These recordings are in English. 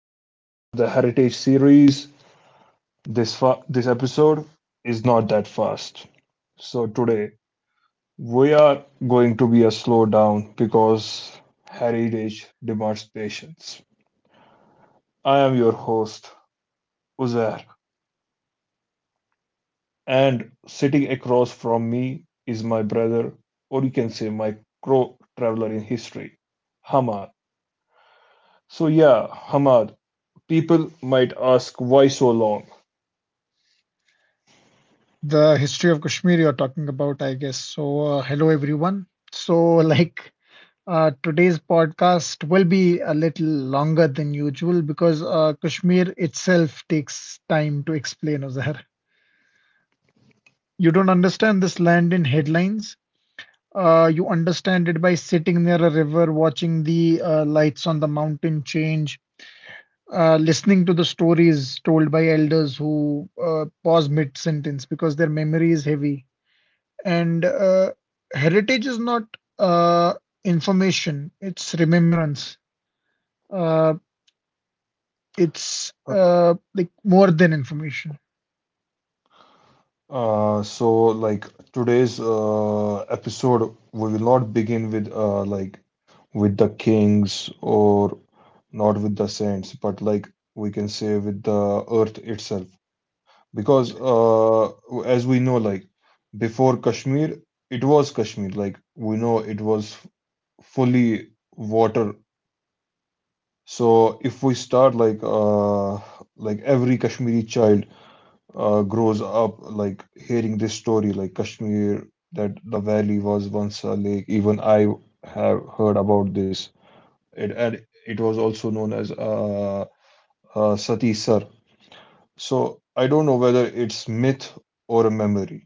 episode of the Heritage series. This episode is not that fast. So today we are going to be a slowdown because heritage demands patience. I am your host Uzair, and sitting across from me is my brother, or you can say my co-traveler in history, Hamad. So yeah, Hamad. People might ask why so long. The history of Kashmir you're talking about, I guess. So, hello everyone. So, like today's podcast will be a little longer than usual because Kashmir itself takes time to explain, Azhar. You don't understand this land in headlines. You understand it by sitting near a river, watching the lights on the mountain change, listening to the stories told by elders who pause mid sentence because their memory is heavy. And Heritage is not uh, information, it's remembrance. Uh, it's like more than information. So today's episode, we will not begin with with the kings or not with the saints, but we can say with the earth itself, because as we know, before Kashmir, it was Kashmir. Like we know it was fully water. So if we start like every Kashmiri child grows up like hearing this story like Kashmir, that the valley was once a lake. Even I have heard about this. It was also known as Sati Sar. So I don't know whether it's myth or a memory.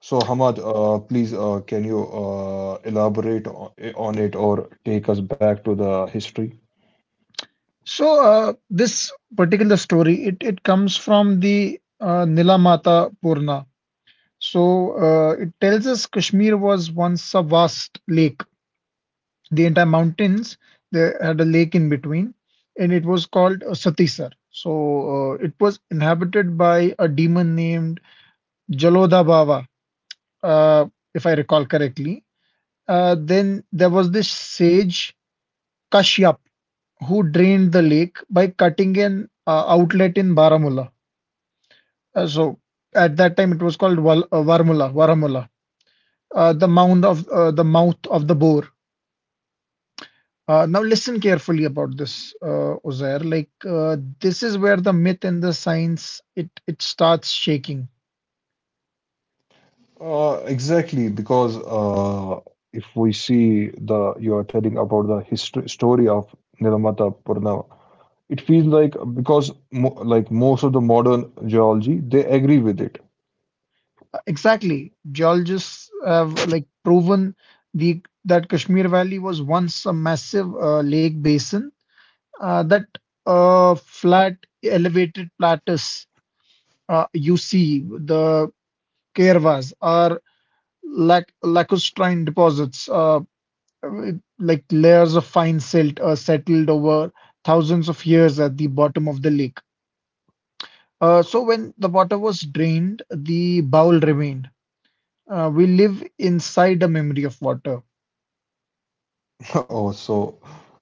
So Hamad, please can you elaborate on it or take us back to the history? So this particular story, it comes from the Nilamata Purna. So it tells us Kashmir was once a vast lake. The entire mountains, they had a lake in between, and it was called Satisar. So it was inhabited by a demon named Jalodha Baba. uh, if I recall correctly. Then there was this sage Kashyap who drained the lake by cutting an outlet in Baramulla. So at that time it was called Varmula, Varamula, the mouth of the mouth of the bore. Now listen carefully about this, Uzair. This is where the myth and the science it starts shaking. Exactly, because if we see, the you are telling about the history story of Nirmata Purnava, it feels like because mo like most of the modern geology they agree with it. Exactly. Geologists have like proven the that Kashmir Valley was once a massive lake basin. That Flat elevated plateaus, you see, the caravas are lacustrine deposits, with, like, layers of fine silt settled over thousands of years at the bottom of the lake. So when the water was drained, the bowl remained. We live inside a memory of water. Oh, so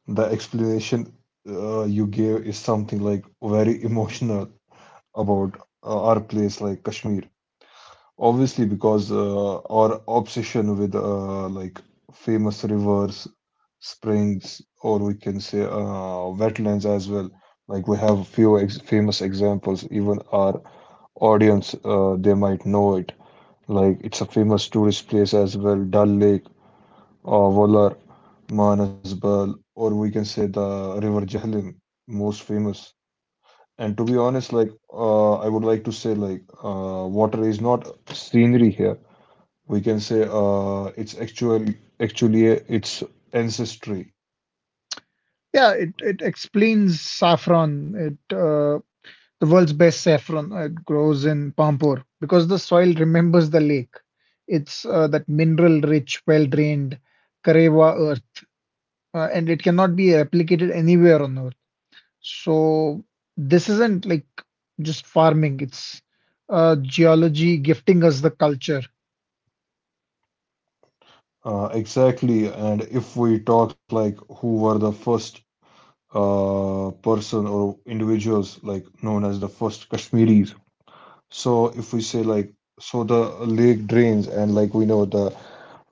the explanation you gave is something like very emotional about our place like Kashmir. Obviously, because our obsession with famous rivers, springs, or we can say wetlands as well. Like we have few ex famous examples. Even our audience, they might know it. Like it's a famous tourist place as well. Dal Lake, Volar, Manasbal, or we can say the River Jhelum, most famous. And to be honest, I would like to say, water is not scenery here. We can say it's actually its ancestry. Yeah, it explains saffron. It The world's best saffron. It grows in Pampur because the soil remembers the lake. It's that mineral-rich, well-drained Karewa earth, and it cannot be replicated anywhere on earth. So this isn't like just farming. It's geology gifting us the culture. Exactly, and if we talk like who were the first person or individuals like known as the first Kashmiris, so if we say like, the lake drains and like we know, the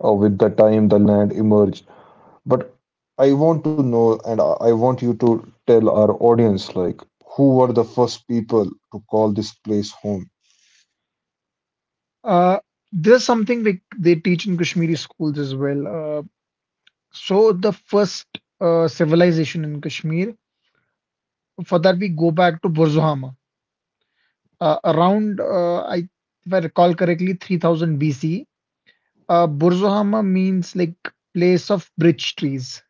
with the time the land emerged, but I want to know and I want you to tell our audience like who were the first people to call this place home. Uh, there's something like they teach in Kashmiri schools as well. So the first civilization in Kashmir, for that, we go back to Burzuhama. Around, if I recall correctly, 3000 BC. Burzuhama means like place of bridge trees.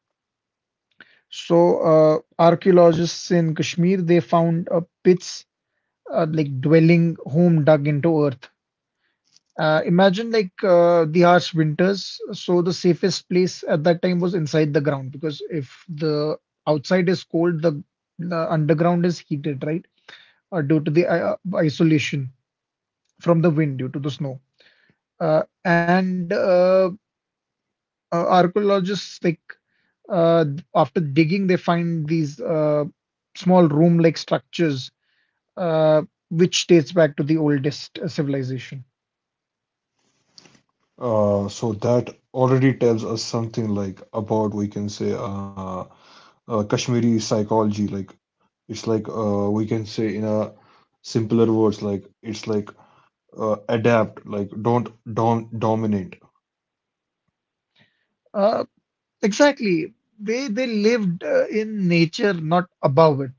So, archaeologists in Kashmir they found pits, like dwelling home dug into earth. Imagine the harsh winters. So the safest place at that time was inside the ground because if the outside is cold, the underground is heated, right? Due to the isolation from the wind, due to the snow. And Archaeologists, uh, after digging, they find these small room-like structures uh, which dates back to the oldest civilization. So that already tells us something like about, we can say, Kashmiri psychology. Like it's like We can say in a simpler words, like it's like adapt, like don't dominate. Uh, exactly, they lived in nature, not above it.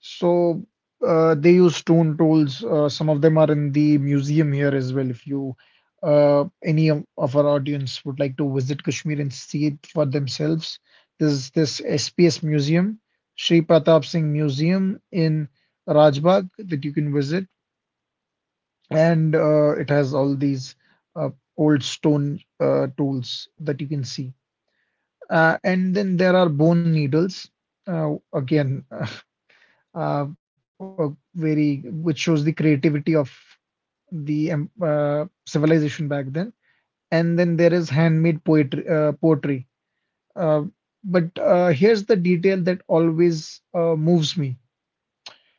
So they use stone tools. Some of them are in the museum here as well. If you any of our audience would like to visit Kashmir and see it for themselves, there's this SPS Museum, Sri Pratap Singh Museum in Rajbagh that you can visit, and it has all these uh, old stone tools that you can see. And then there are bone needles. Again, a very which shows the creativity of the civilization back then. And then there is handmade poetry, poetry. Uh, but here's the detail that always moves me.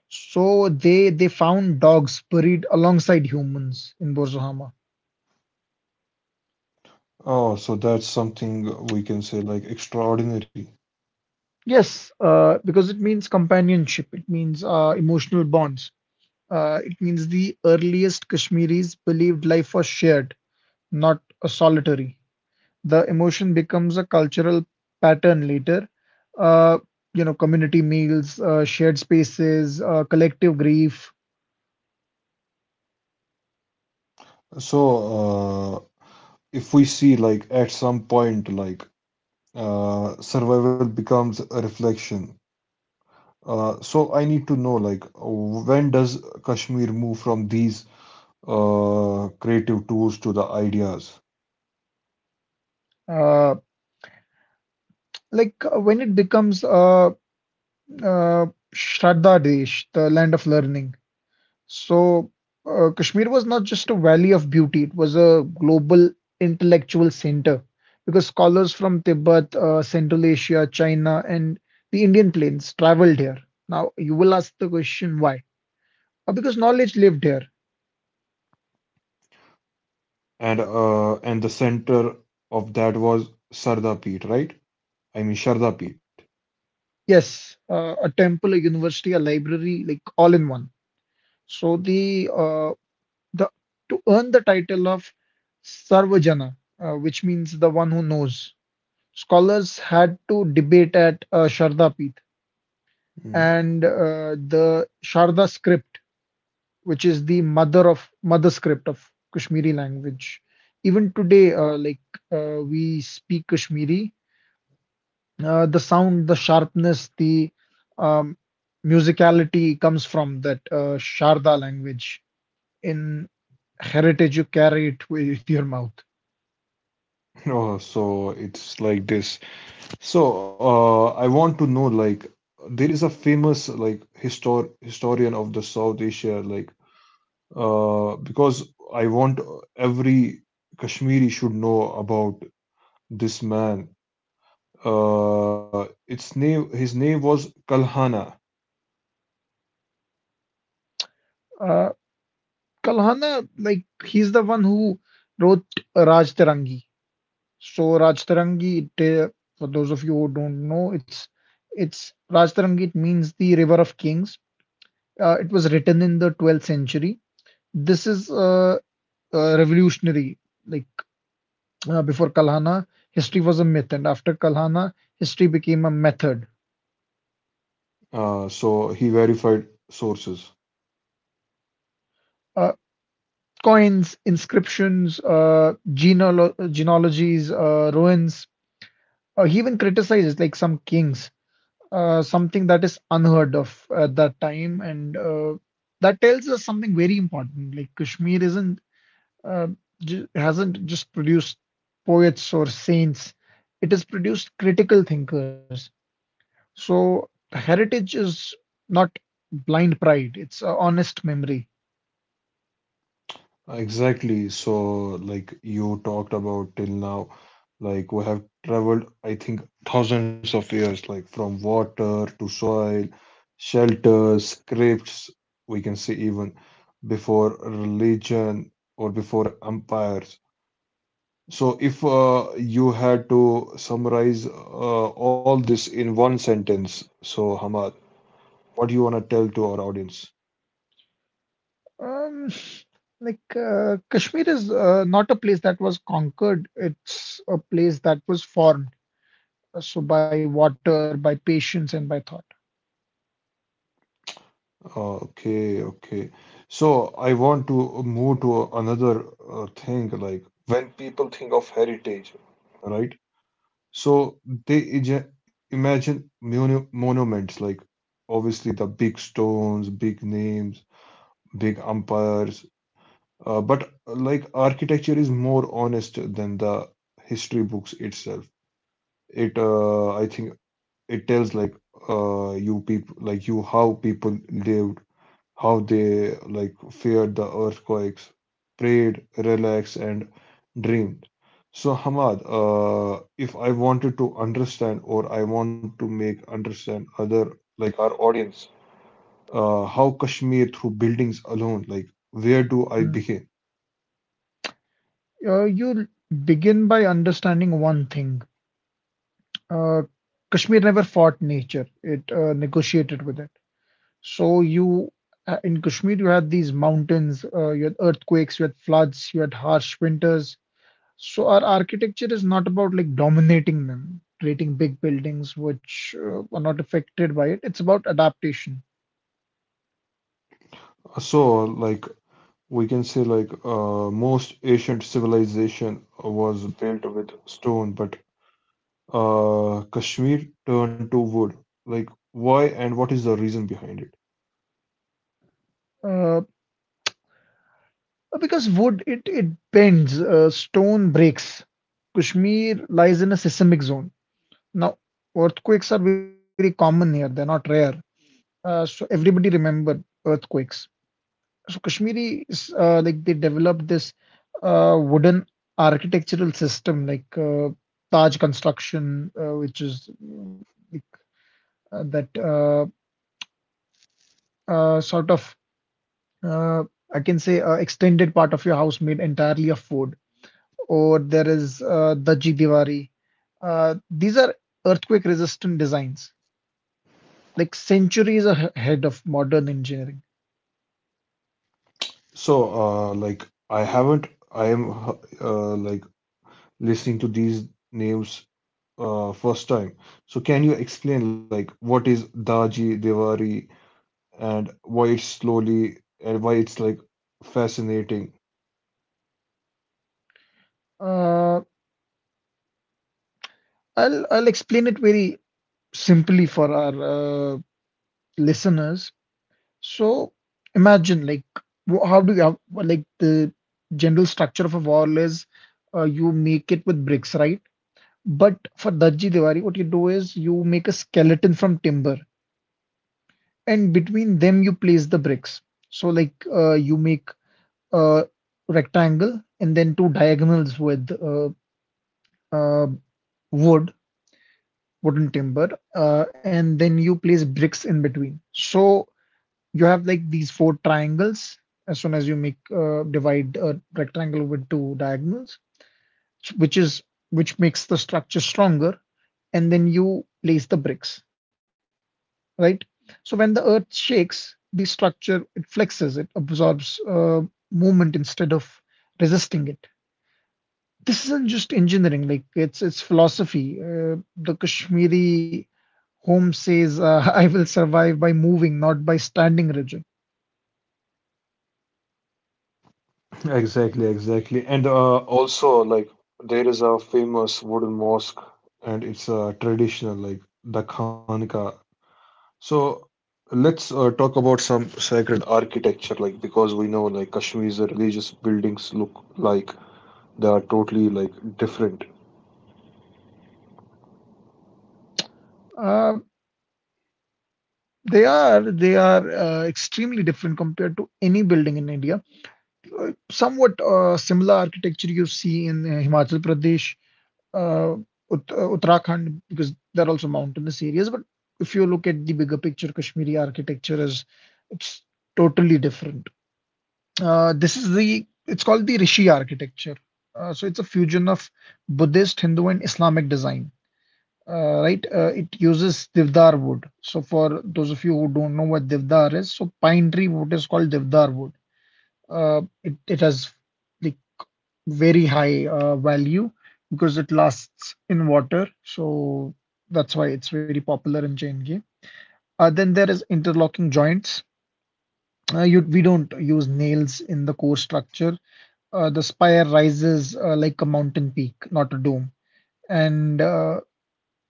So they found dogs buried alongside humans in Borzohama. Oh, so that's something we can say like extraordinary. Yes, because it means companionship. It means emotional bonds. It means the earliest Kashmiris believed life was shared, not a solitary. The emotion becomes a cultural pattern later. Uh, you know, community meals, shared spaces, collective grief. So uh, if we see, like at some point, survival becomes a reflection. So I need to know, like, when does Kashmir move from these creative tools to the ideas? Uh, when it becomes uh, Shraddha Desh, the land of learning. So Kashmir was not just a valley of beauty; it was a global intellectual center because scholars from Tibet, Central Asia, China, and the Indian plains traveled here. Now you will ask the question why? Because knowledge lived here. And the center of that was Sarda Peet, right? I mean Sharda Peet. Yes, a temple, a university, a library, like all in one. So the to earn the title of Sarvajana, which means the one who knows, scholars had to debate at Sharda Peeth, Mm. and the Sharda script, which is the mother of mother script of Kashmiri language. Even today, we speak Kashmiri, the sound, the sharpness, the um, musicality comes from that Sharda language. In heritage, you carry it with your mouth. Oh, so it's like this. So, I want to know like there is a famous like historian of the South Asia, because I want every Kashmiri should know about this man. Its name His name was Kalhana. Uh, Kalhana, like he's the one who wrote Raj Terangi. So Raj Terangi, for those of you who don't know, it's Raj Terangi. It means the River of Kings. It was written in the 12th century. This is revolutionary. Like Before Kalhana, history was a myth, and after Kalhana, history became a method. So he verified sources. Uh, Coins, inscriptions, genealogies, ruins. He even criticizes like some kings, something that is unheard of at that time, and that tells us something very important. Like Kashmir isn't uh, hasn't just produced poets or saints; it has produced critical thinkers. So heritage is not blind pride, it's a honest memory. Exactly. So, like you talked about till now, like we have traveled, I think, thousands of years, like from water to soil, shelter, scripts, we can say even before religion or before empires. So, if you had to summarize all this in one sentence, so Hamad, what do you want to tell to our audience? Um, Kashmir is not a place that was conquered, it's a place that was formed. So by water, by patience, and by thought. Okay, okay. So I want to move to another thing like when people think of heritage, right? So they imagine monuments like, obviously, the big stones, big names, big empires. But like architecture is more honest than the history books itself. It I think it tells like you people like you how people lived, how they like feared the earthquakes, prayed, relaxed, and dreamed. So, Hamad, if I wanted to understand, or I want to make understand other like our audience, how Kashmir through buildings alone, like where do I Mm. begin? You begin by understanding one thing. Uh, Kashmir never fought nature, it negotiated with it. So you in Kashmir you had these mountains, you had earthquakes, you had floods, you had harsh winters. So our architecture is not about like dominating them, creating big buildings which are not affected by it. It's about adaptation. So, like we can say, most ancient civilization was built with stone, but Kashmir turned to wood. Like why, and what is the reason behind it? Uh, because wood it bends, stone breaks. Kashmir lies in a seismic zone. Now earthquakes are very common here; they're not rare. So everybody remember earthquakes. So Kashmiri is they developed this wooden architectural system like Taj construction, which is that sort of, uh, I can say, extended part of your house made entirely of wood, or there is Daji Diwari. These are earthquake resistant designs, like centuries ahead of modern engineering. So, like, I haven't, I am like listening to these names first time. So, can you explain, like, what is Daji Devari, and why it's slowly, and why it's like fascinating? Uh, I'll explain it very simply for our listeners. So imagine like how do you have like the general structure of a wall is you make it with bricks, right? But for Dajji Diwali, what you do is you make a skeleton from timber, and between them you place the bricks. So you make a rectangle and then two diagonals with uh, wood, wooden timber, and then you place bricks in between. So you have like these four triangles. As soon as you make divide a rectangle with two diagonals, which is which makes the structure stronger, and then you place the bricks, right? So when the earth shakes, the structure it flexes, it absorbs movement instead of resisting it. This isn't just engineering; like it's philosophy. The Kashmiri home says, "I will survive by moving, not by standing rigid." Exactly, exactly. And also, like, there is a famous wooden mosque, and it's traditional, like the Khanka. So, let's talk about some sacred architecture, like, because we know, like, Kashmir's religious buildings look like they are totally, like, different. Uh, they are extremely different compared to any building in India. Somewhat similar architecture you see in Himachal Pradesh, uh, Uttarakhand, because they're also mountainous areas. But if you look at the bigger picture, Kashmiri architecture is it's totally different. This is the It's called the Rishi architecture. So it's a fusion of Buddhist, Hindu, and Islamic design. Right, it uses devdar wood. So for those of you who don't know what devdar is, so pine tree wood is called devdar wood. It has like very high value because it lasts in water. So that's why it's very popular in chain game. Then there is interlocking joints. We don't use nails in the core structure. The spire rises like a mountain peak, not a dome. And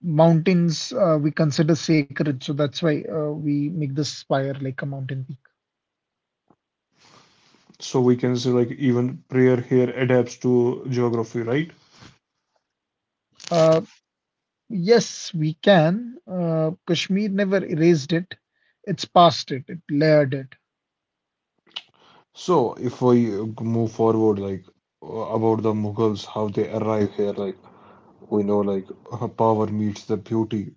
mountains we consider sacred, so that's why we make the spire like a mountain peak. So, we can say, like, even prayer here adapts to geography, right? Uh, yes, we can. Kashmir never erased it. It's past it. It layered it. So, if we move forward, like, uh, about the Mughals, how they arrive here, like, we know like power meets the beauty.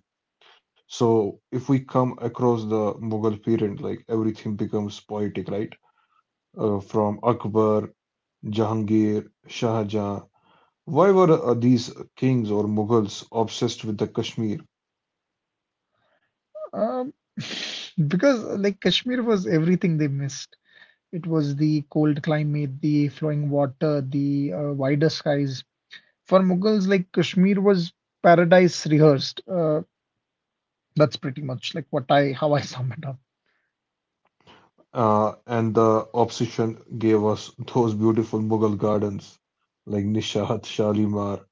So if we come across the Mughal period, like everything becomes poetic, right? From Akbar, Jahangir, Shah Jahan, why were these kings or Mughals obsessed with the Kashmir? Um, because Kashmir was everything they missed. It was the cold climate, the flowing water, the wider skies. For Mughals, like Kashmir was paradise rehearsed. That's pretty much like what I how I sum it up. And the obsession gave us those beautiful Mughal gardens like Nishat, Shalimar.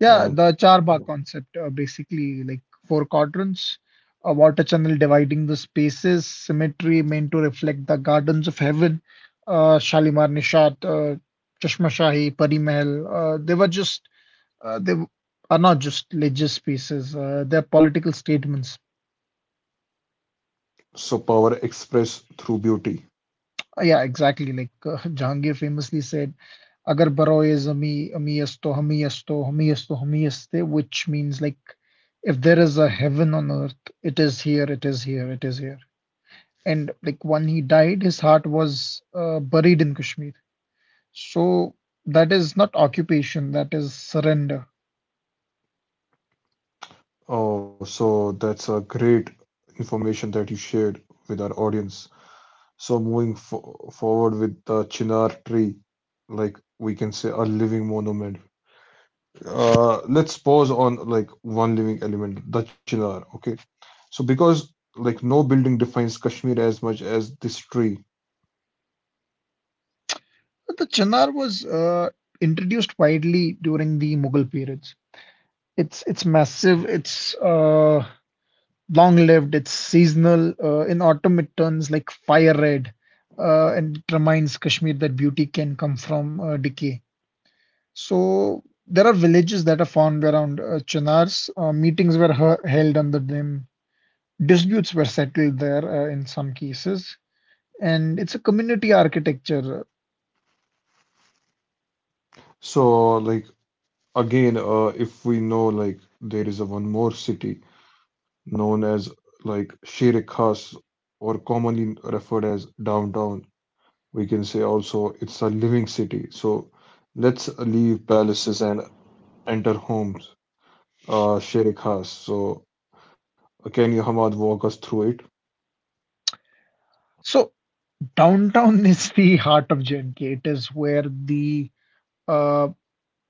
Yeah, And the Charba concept, basically like four quadrants, a water channel dividing the spaces, symmetry meant to reflect the gardens of heaven, Shalimar Nishat, Chashma Shahi, Pari Mahal. They are not just religious pieces, they're political statements. so power expressed through beauty. Yeah, exactly. Jahangir famously said, Agar baroi is ami, ami asto, hami asto, hami asto, hami aste, which means like if there is a heaven on earth, it is here, it is here, it is here. And like when he died, his heart was buried in Kashmir. So that is not occupation, that is surrender. Oh, so that's a great information that you shared with our audience. So moving fo forward with the Chinar tree, like we can say a living monument. Let's pause on like one living element, the Chinar. Okay, so because like no building defines Kashmir as much as this tree. But the Chinar was introduced widely during the Mughal period. It's massive. It's long-lived. It's seasonal. In autumn, it turns like fire red, and it reminds Kashmir that beauty can come from decay. So there are villages that are formed around Chinars. Meetings were held under them. Disputes were settled there in some cases, and it's a community architecture. So like again, if we know like there is a one more city known as like Shere Khas, or commonly referred as downtown. We can say also it's a living city. So let's leave palaces and enter homes. Sheikh Khas. So can you, Hamad, walk us through it? So downtown is the heart of J&K. It is where the uh,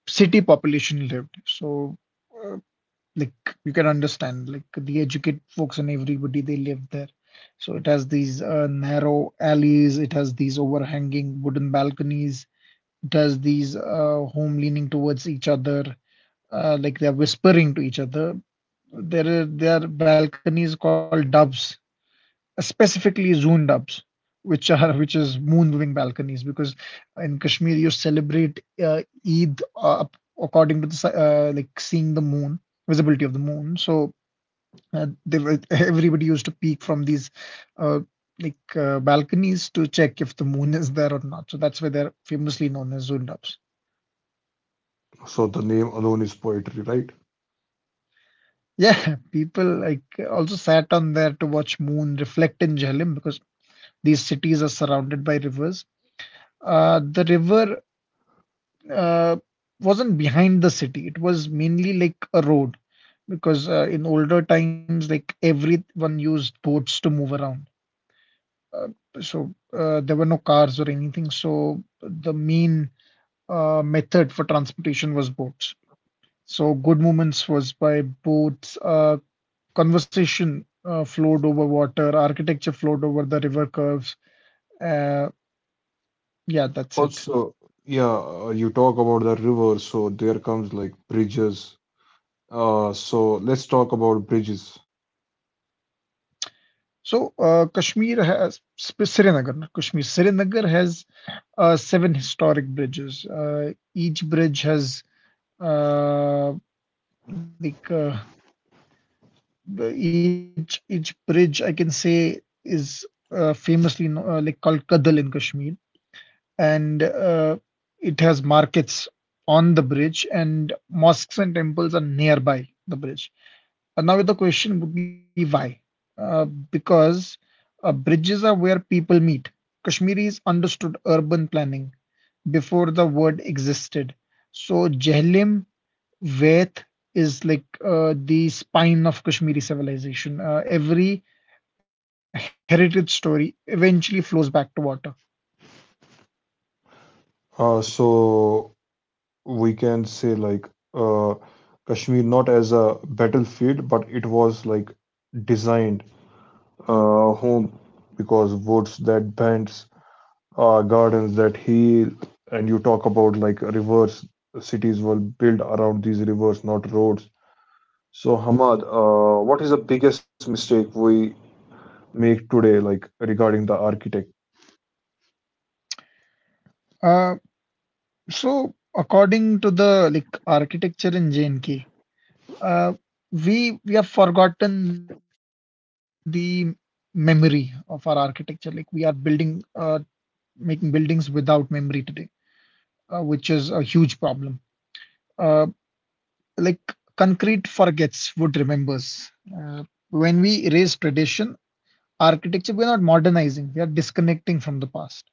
city population lived. So, uh, like you can understand, like the educated folks and everybody they lived there. So it has these narrow alleys. It has these overhanging wooden balconies. It has these home leaning towards each other, like they're whispering to each other. There are balconies called doves, specifically zoomed ups, which are which is moon moving balconies, because in Kashmir you celebrate eid according to the like seeing the moon, visibility of the moon. So they were, everybody used to peek from these uh, balconies to check if the moon is there or not. So that's why they're famously known as zoomed ups. So the name alone is poetry, right? Yeah, people like also sat on there to watch moon reflect in Jhelum, because these cities are surrounded by rivers. The river uh, wasn't behind the city. It was mainly like a road, because in older times, like everyone used boats to move around. Uh, there were no cars or anything. So the main method for transportation was boats. So good movements was by boats. Conversation flowed over water. Architecture flowed over the river curves. Uh, yeah, that's it. Also, yeah, you talk about the river, so there comes like bridges. So let's talk about bridges. So, Kashmir has Srinagar, not Kashmir. Srinagar has seven historic bridges. Each bridge has uh, like uh, each bridge I can say is famously no, like called Kadal in Kashmir, and it has markets on the bridge, and mosques and temples are nearby the bridge. And now the question would be why? Because bridges are where people meet. Kashmiris understood urban planning before the word existed. So Jhelum, Vaith is like the spine of Kashmiri civilization. Every heritage story eventually flows back to water. So we can say like uh, Kashmir not as a battlefield, but it was like designed home, because woods that bends, gardens that heal, and you talk about like rivers. Cities were built around these rivers, not roads. So Hamad, what is the biggest mistake we make today, like regarding the architect? Uh, so according to the like architecture in JNK, uh, we have forgotten the memory of our architecture. Like we are building, making buildings without memory today, which is a huge problem. Uh, like concrete forgets, wood remembers. Uh, when we erase tradition, architecture, we're not modernizing, we are disconnecting from the past.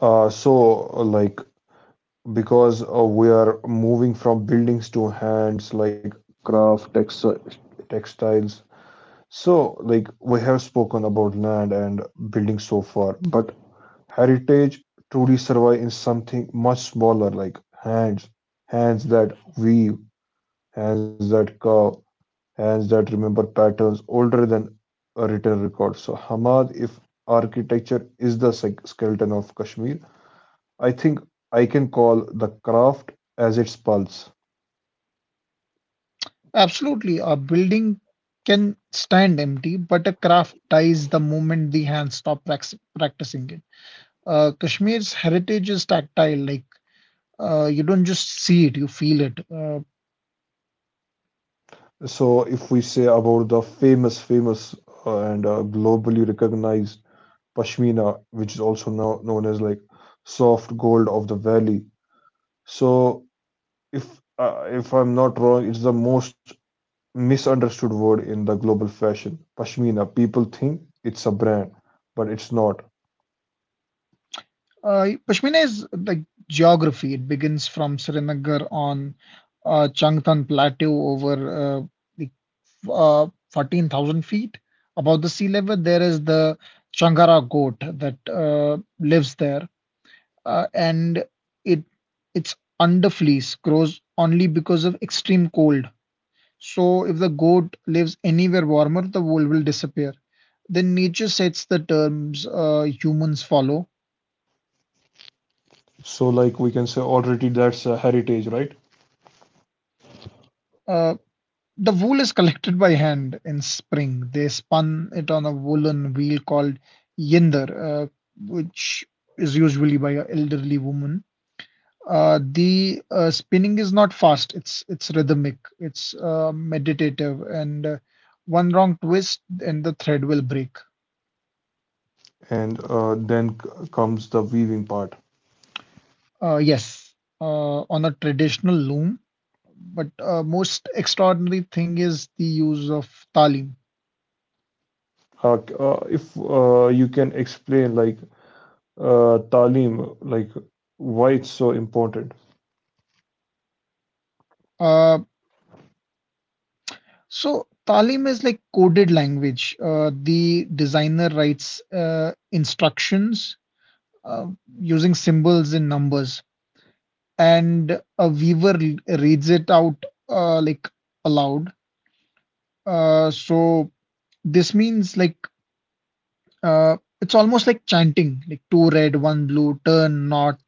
So like because we are moving from buildings to hands, like craft, textiles. So like we have spoken about land and buildings so far, but heritage truly survive in something much smaller, like hands, hands that weave, hands that carve, hands that remember patterns older than a written record. So Hamad, if architecture is the skeleton of Kashmir, I think I can call the craft as its pulse. Absolutely, a building can stand empty, but a craft dies the moment the hands stop practicing it. Kashmir's heritage is tactile, like you don't just see it, you feel it. So, if we say about the famous, famous, and globally recognized pashmina, which is also now known as like soft gold of the valley. So, if I'm not wrong, it's the most misunderstood word in the global fashion. Pashmina. People think it's a brand, but it's not. Pashmina is like geography. It begins from Srinagar on Changtan Plateau, over the uh, 14,000 feet above the sea level. There is the Changara goat that lives there, and it, its underfleece grows only because of extreme cold. So, if the goat lives anywhere warmer, the wool will disappear. Then nature sets the terms, humans follow. So, like we can say already that's a heritage, right? Uh, The wool is collected by hand in spring. They spun it on a woolen wheel called yinder, which is usually by an elderly woman. The spinning is not fast. It's rhythmic. It's meditative, and one wrong twist and the thread will break. And then comes the weaving part. Yes, on a traditional loom, but most extraordinary thing is the use of talim. If you can explain, like, talim, like, why it's so important. Uh, So Talim is like coded language. The designer writes instructions uh, using symbols and numbers, and a weaver reads it out like aloud. So this means like it's almost like chanting, like two red, one blue, turn not.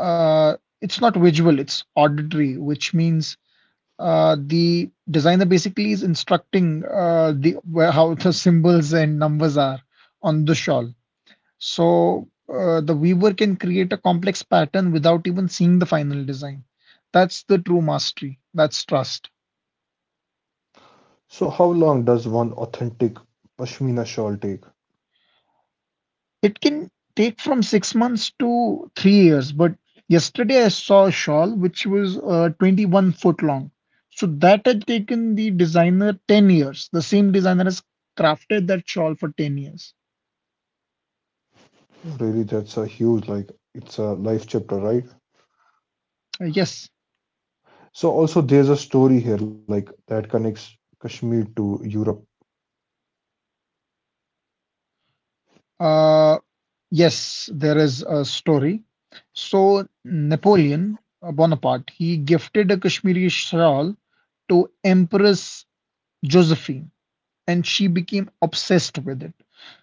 Uh, it's not visual, it's auditory, which means the designer basically is instructing the where, how the symbols and numbers are on the shawl. So the weaver can create a complex pattern without even seeing the final design. That's the true mastery. That's trust. So, how long does one authentic pashmina shawl take? It can take from 6 months to 3 years, but yesterday I saw a shawl which was 21-foot long. So that had taken the designer 10 years. The same designer has crafted that shawl for 10 years. Really, that's a huge, like, it's a life chapter, right? Yes, So, also, there's a story here, like, that connects Kashmir to Europe. uh, yes, there is a story. So Napoleon Bonaparte, he gifted a Kashmiri shawl to Empress Josephine, and she became obsessed with it.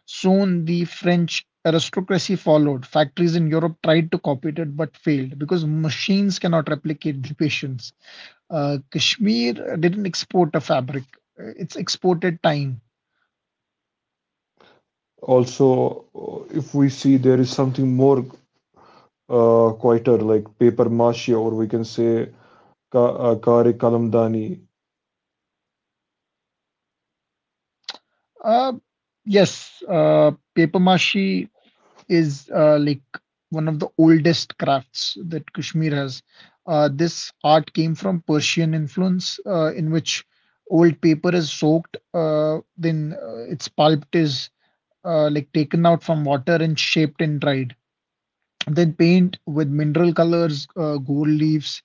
Soon, the French aristocracy followed. Factories in Europe tried to copy it but failed because machines cannot replicate the patience. Kashmir didn't export a fabric, it's exported time. Also, if we see, there is something more quieter, like paper mache, or we can say kare kalamdani. Uh, yes, paper mache is like one of the oldest crafts that Kashmir has. This art came from Persian influence, in which old paper is soaked, then its pulp is like taken out from water and shaped and dried. Then paint with mineral colors, gold leaves,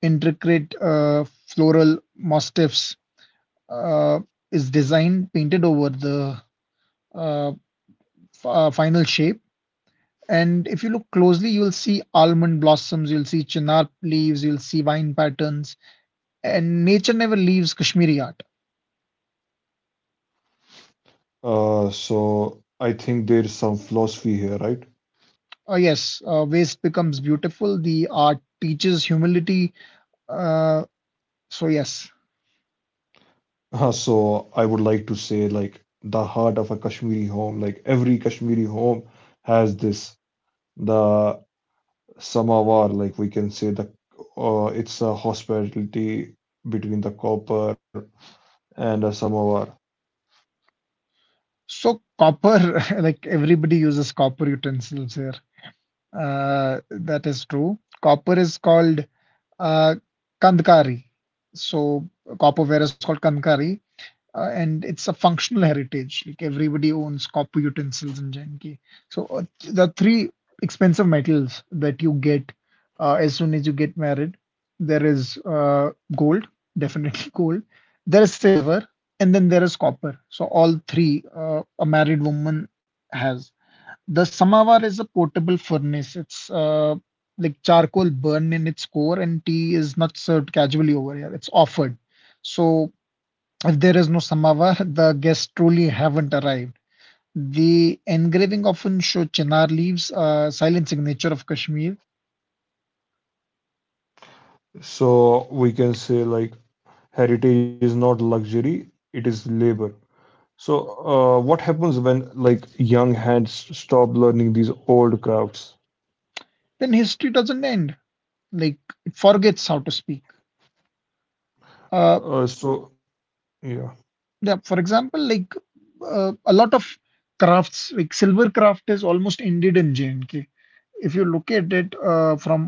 intricate floral motifs uh, is designed, painted over the uh, final shape. And if you look closely, you'll see almond blossoms, you'll see chinar leaves, you'll see vine patterns, and nature never leaves Kashmiri art. So I think there's some philosophy here, right? Yes, waste becomes beautiful. The art teaches humility. Uh, so yes, So I would like to say like the heart of a Kashmiri home, like every Kashmiri home has this, the samovar, like we can say the it's a hospitality between the copper and a samovar. so copper, like everybody uses copper utensils here. That is true. Copper is called uh, kandkari. So copperware is called kandkari, and it's a functional heritage. Like everybody owns copper utensils in Janki. So the three expensive metals that you get as soon as you get married, there is gold, definitely gold. There is silver, and then there is copper. So all three, a married woman has. The samovar is a portable furnace. It's like charcoal burned in its core, and tea is not served casually over here. It's offered. So if there is no samovar, the guests truly haven't arrived. The engraving often shows Chinar leaves, silent signature of Kashmir. So we can say like heritage is not luxury, it is labor. So what happens when like young hands stop learning these old crafts? Then history doesn't end. Like it forgets how to speak. Uh, So yeah. yeah, for example, like a lot of crafts, like silver craft, is almost ended in J&K. If you look at it from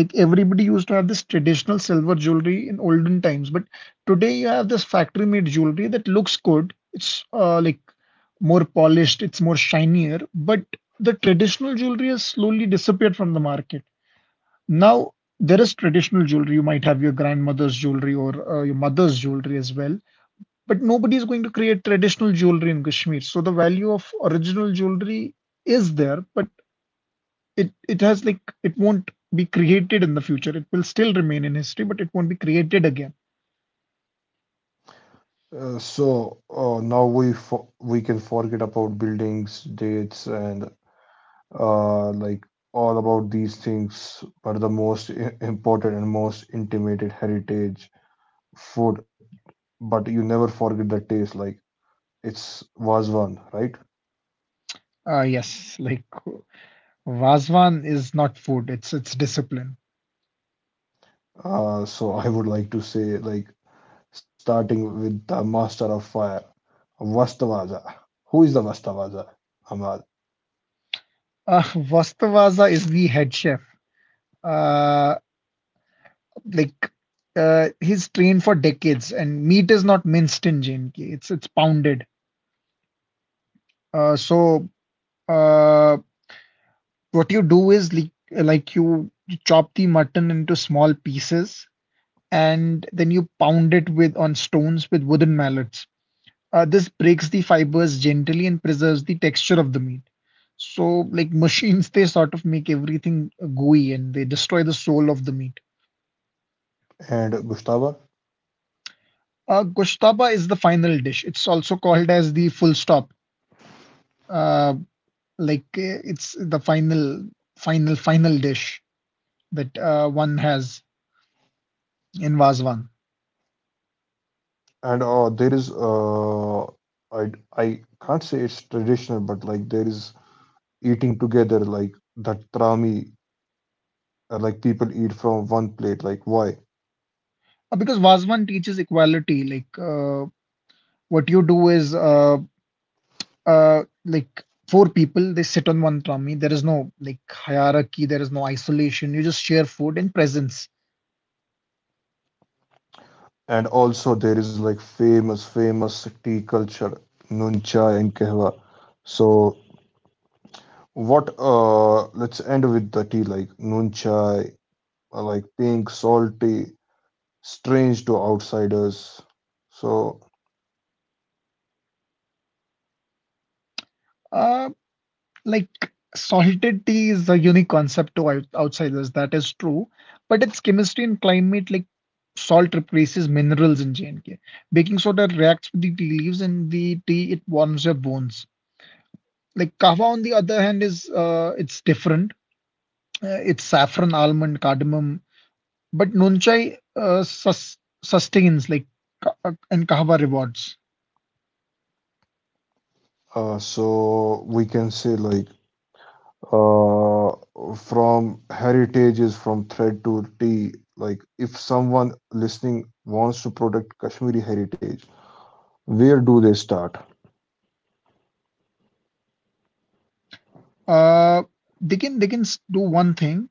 like everybody used to have this traditional silver jewelry in olden times, but today you have this factory made jewelry that looks good. It's like more polished, it's more shinier, but the traditional jewelry has slowly disappeared from the market. Now, there is traditional jewelry. You might have your grandmother's jewelry or your mother's jewelry as well, but nobody is going to create traditional jewelry in Kashmir. So the value of original jewelry is there, but it has like it won't be created in the future. It will still remain in history, but it won't be created again. So now we for we can forget about buildings, dates, and uh, like all about these things are the most important and most intimated heritage, food. But you never forget the taste. Like it's was one, right? Yes, like Vazwan is not food; it's discipline. So I would like to say like starting with the master of fire, Vastavaza. Who is the Vastavaza, Ahmad, Uh, Vastavaza is the head chef. Uh, like he's trained for decades, and meat is not minced in JNK. It's pounded. Uh, so uh, what you do is like you chop the mutton into small pieces and then you pound it with on stones with wooden mallets. This breaks the fibers gently and preserves the texture of the meat. So, like machines, they sort of make everything gooey and they destroy the soul of the meat. and Gustavo? Goshtaba is the final dish. It's also called as the full stop. Uh, it's the final dish that one has in Vazwan. And there is I can't say it's traditional, but like there is eating together, like that trami, like people eat from one plate, like why? Because Vazwan teaches equality. What you do is uh like four people, they sit on one tummy. There is no like hierarchy, there is no isolation. You just share food and presence. And also there is like famous tea culture, nun chai and kehwa. So what? Let's end with the tea, like nun chai, like pink, salty, strange to outsiders. So Uh like salted tea is a unique concept to outsiders, that is true, but its chemistry and climate, like salt replaces minerals in JNK, baking soda reacts with the tea leaves, and the tea, it warms your bones. Like kava on the other hand is it's different. It's saffron, almond, cardamom. But Nunchai sustains, like and Kahwa rewards. We can say like, uh, from heritages, from thread to tea. Like, if someone listening wants to protect Kashmiri heritage, where do they start? Uh, they can do one thing.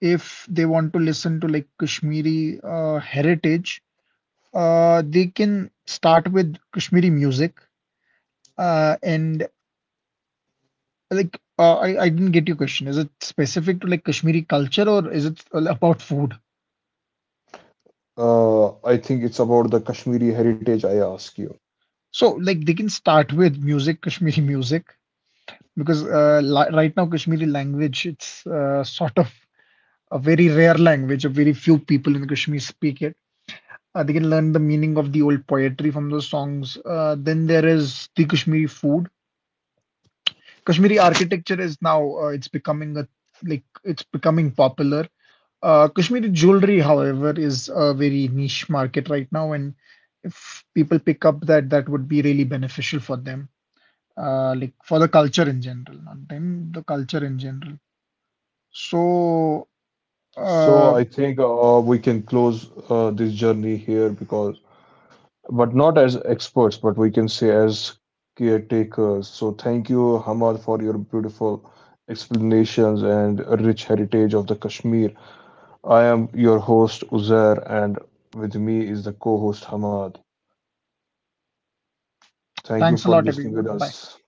If they want to listen to like Kashmiri heritage, they can start with Kashmiri music. And like I didn't get your question. Is it specific to like Kashmiri culture or is it all about food? I think it's about the Kashmiri heritage I ask you. So like they can start with music, Kashmiri music, because li right now Kashmiri language, it's sort of a very rare language, a very few people in Kashmir speak it. They can learn the meaning of the old poetry from those songs. Then there is the Kashmiri food. Kashmiri architecture is now it's becoming a like it's becoming popular. Kashmiri jewelry, however, is a very niche market right now, and if people pick up that, that would be really beneficial for them, like for the culture in general, not them, the culture in general. So, So uh, I think we can close this journey here because, but not as experts, but we can say as caretakers. So thank you, Hamad, for your beautiful explanations and rich heritage of the Kashmir. I am your host, Uzair, and with me is the co host, Hamad. Thank you thanks a for lot, listening everyone. with Bye. us.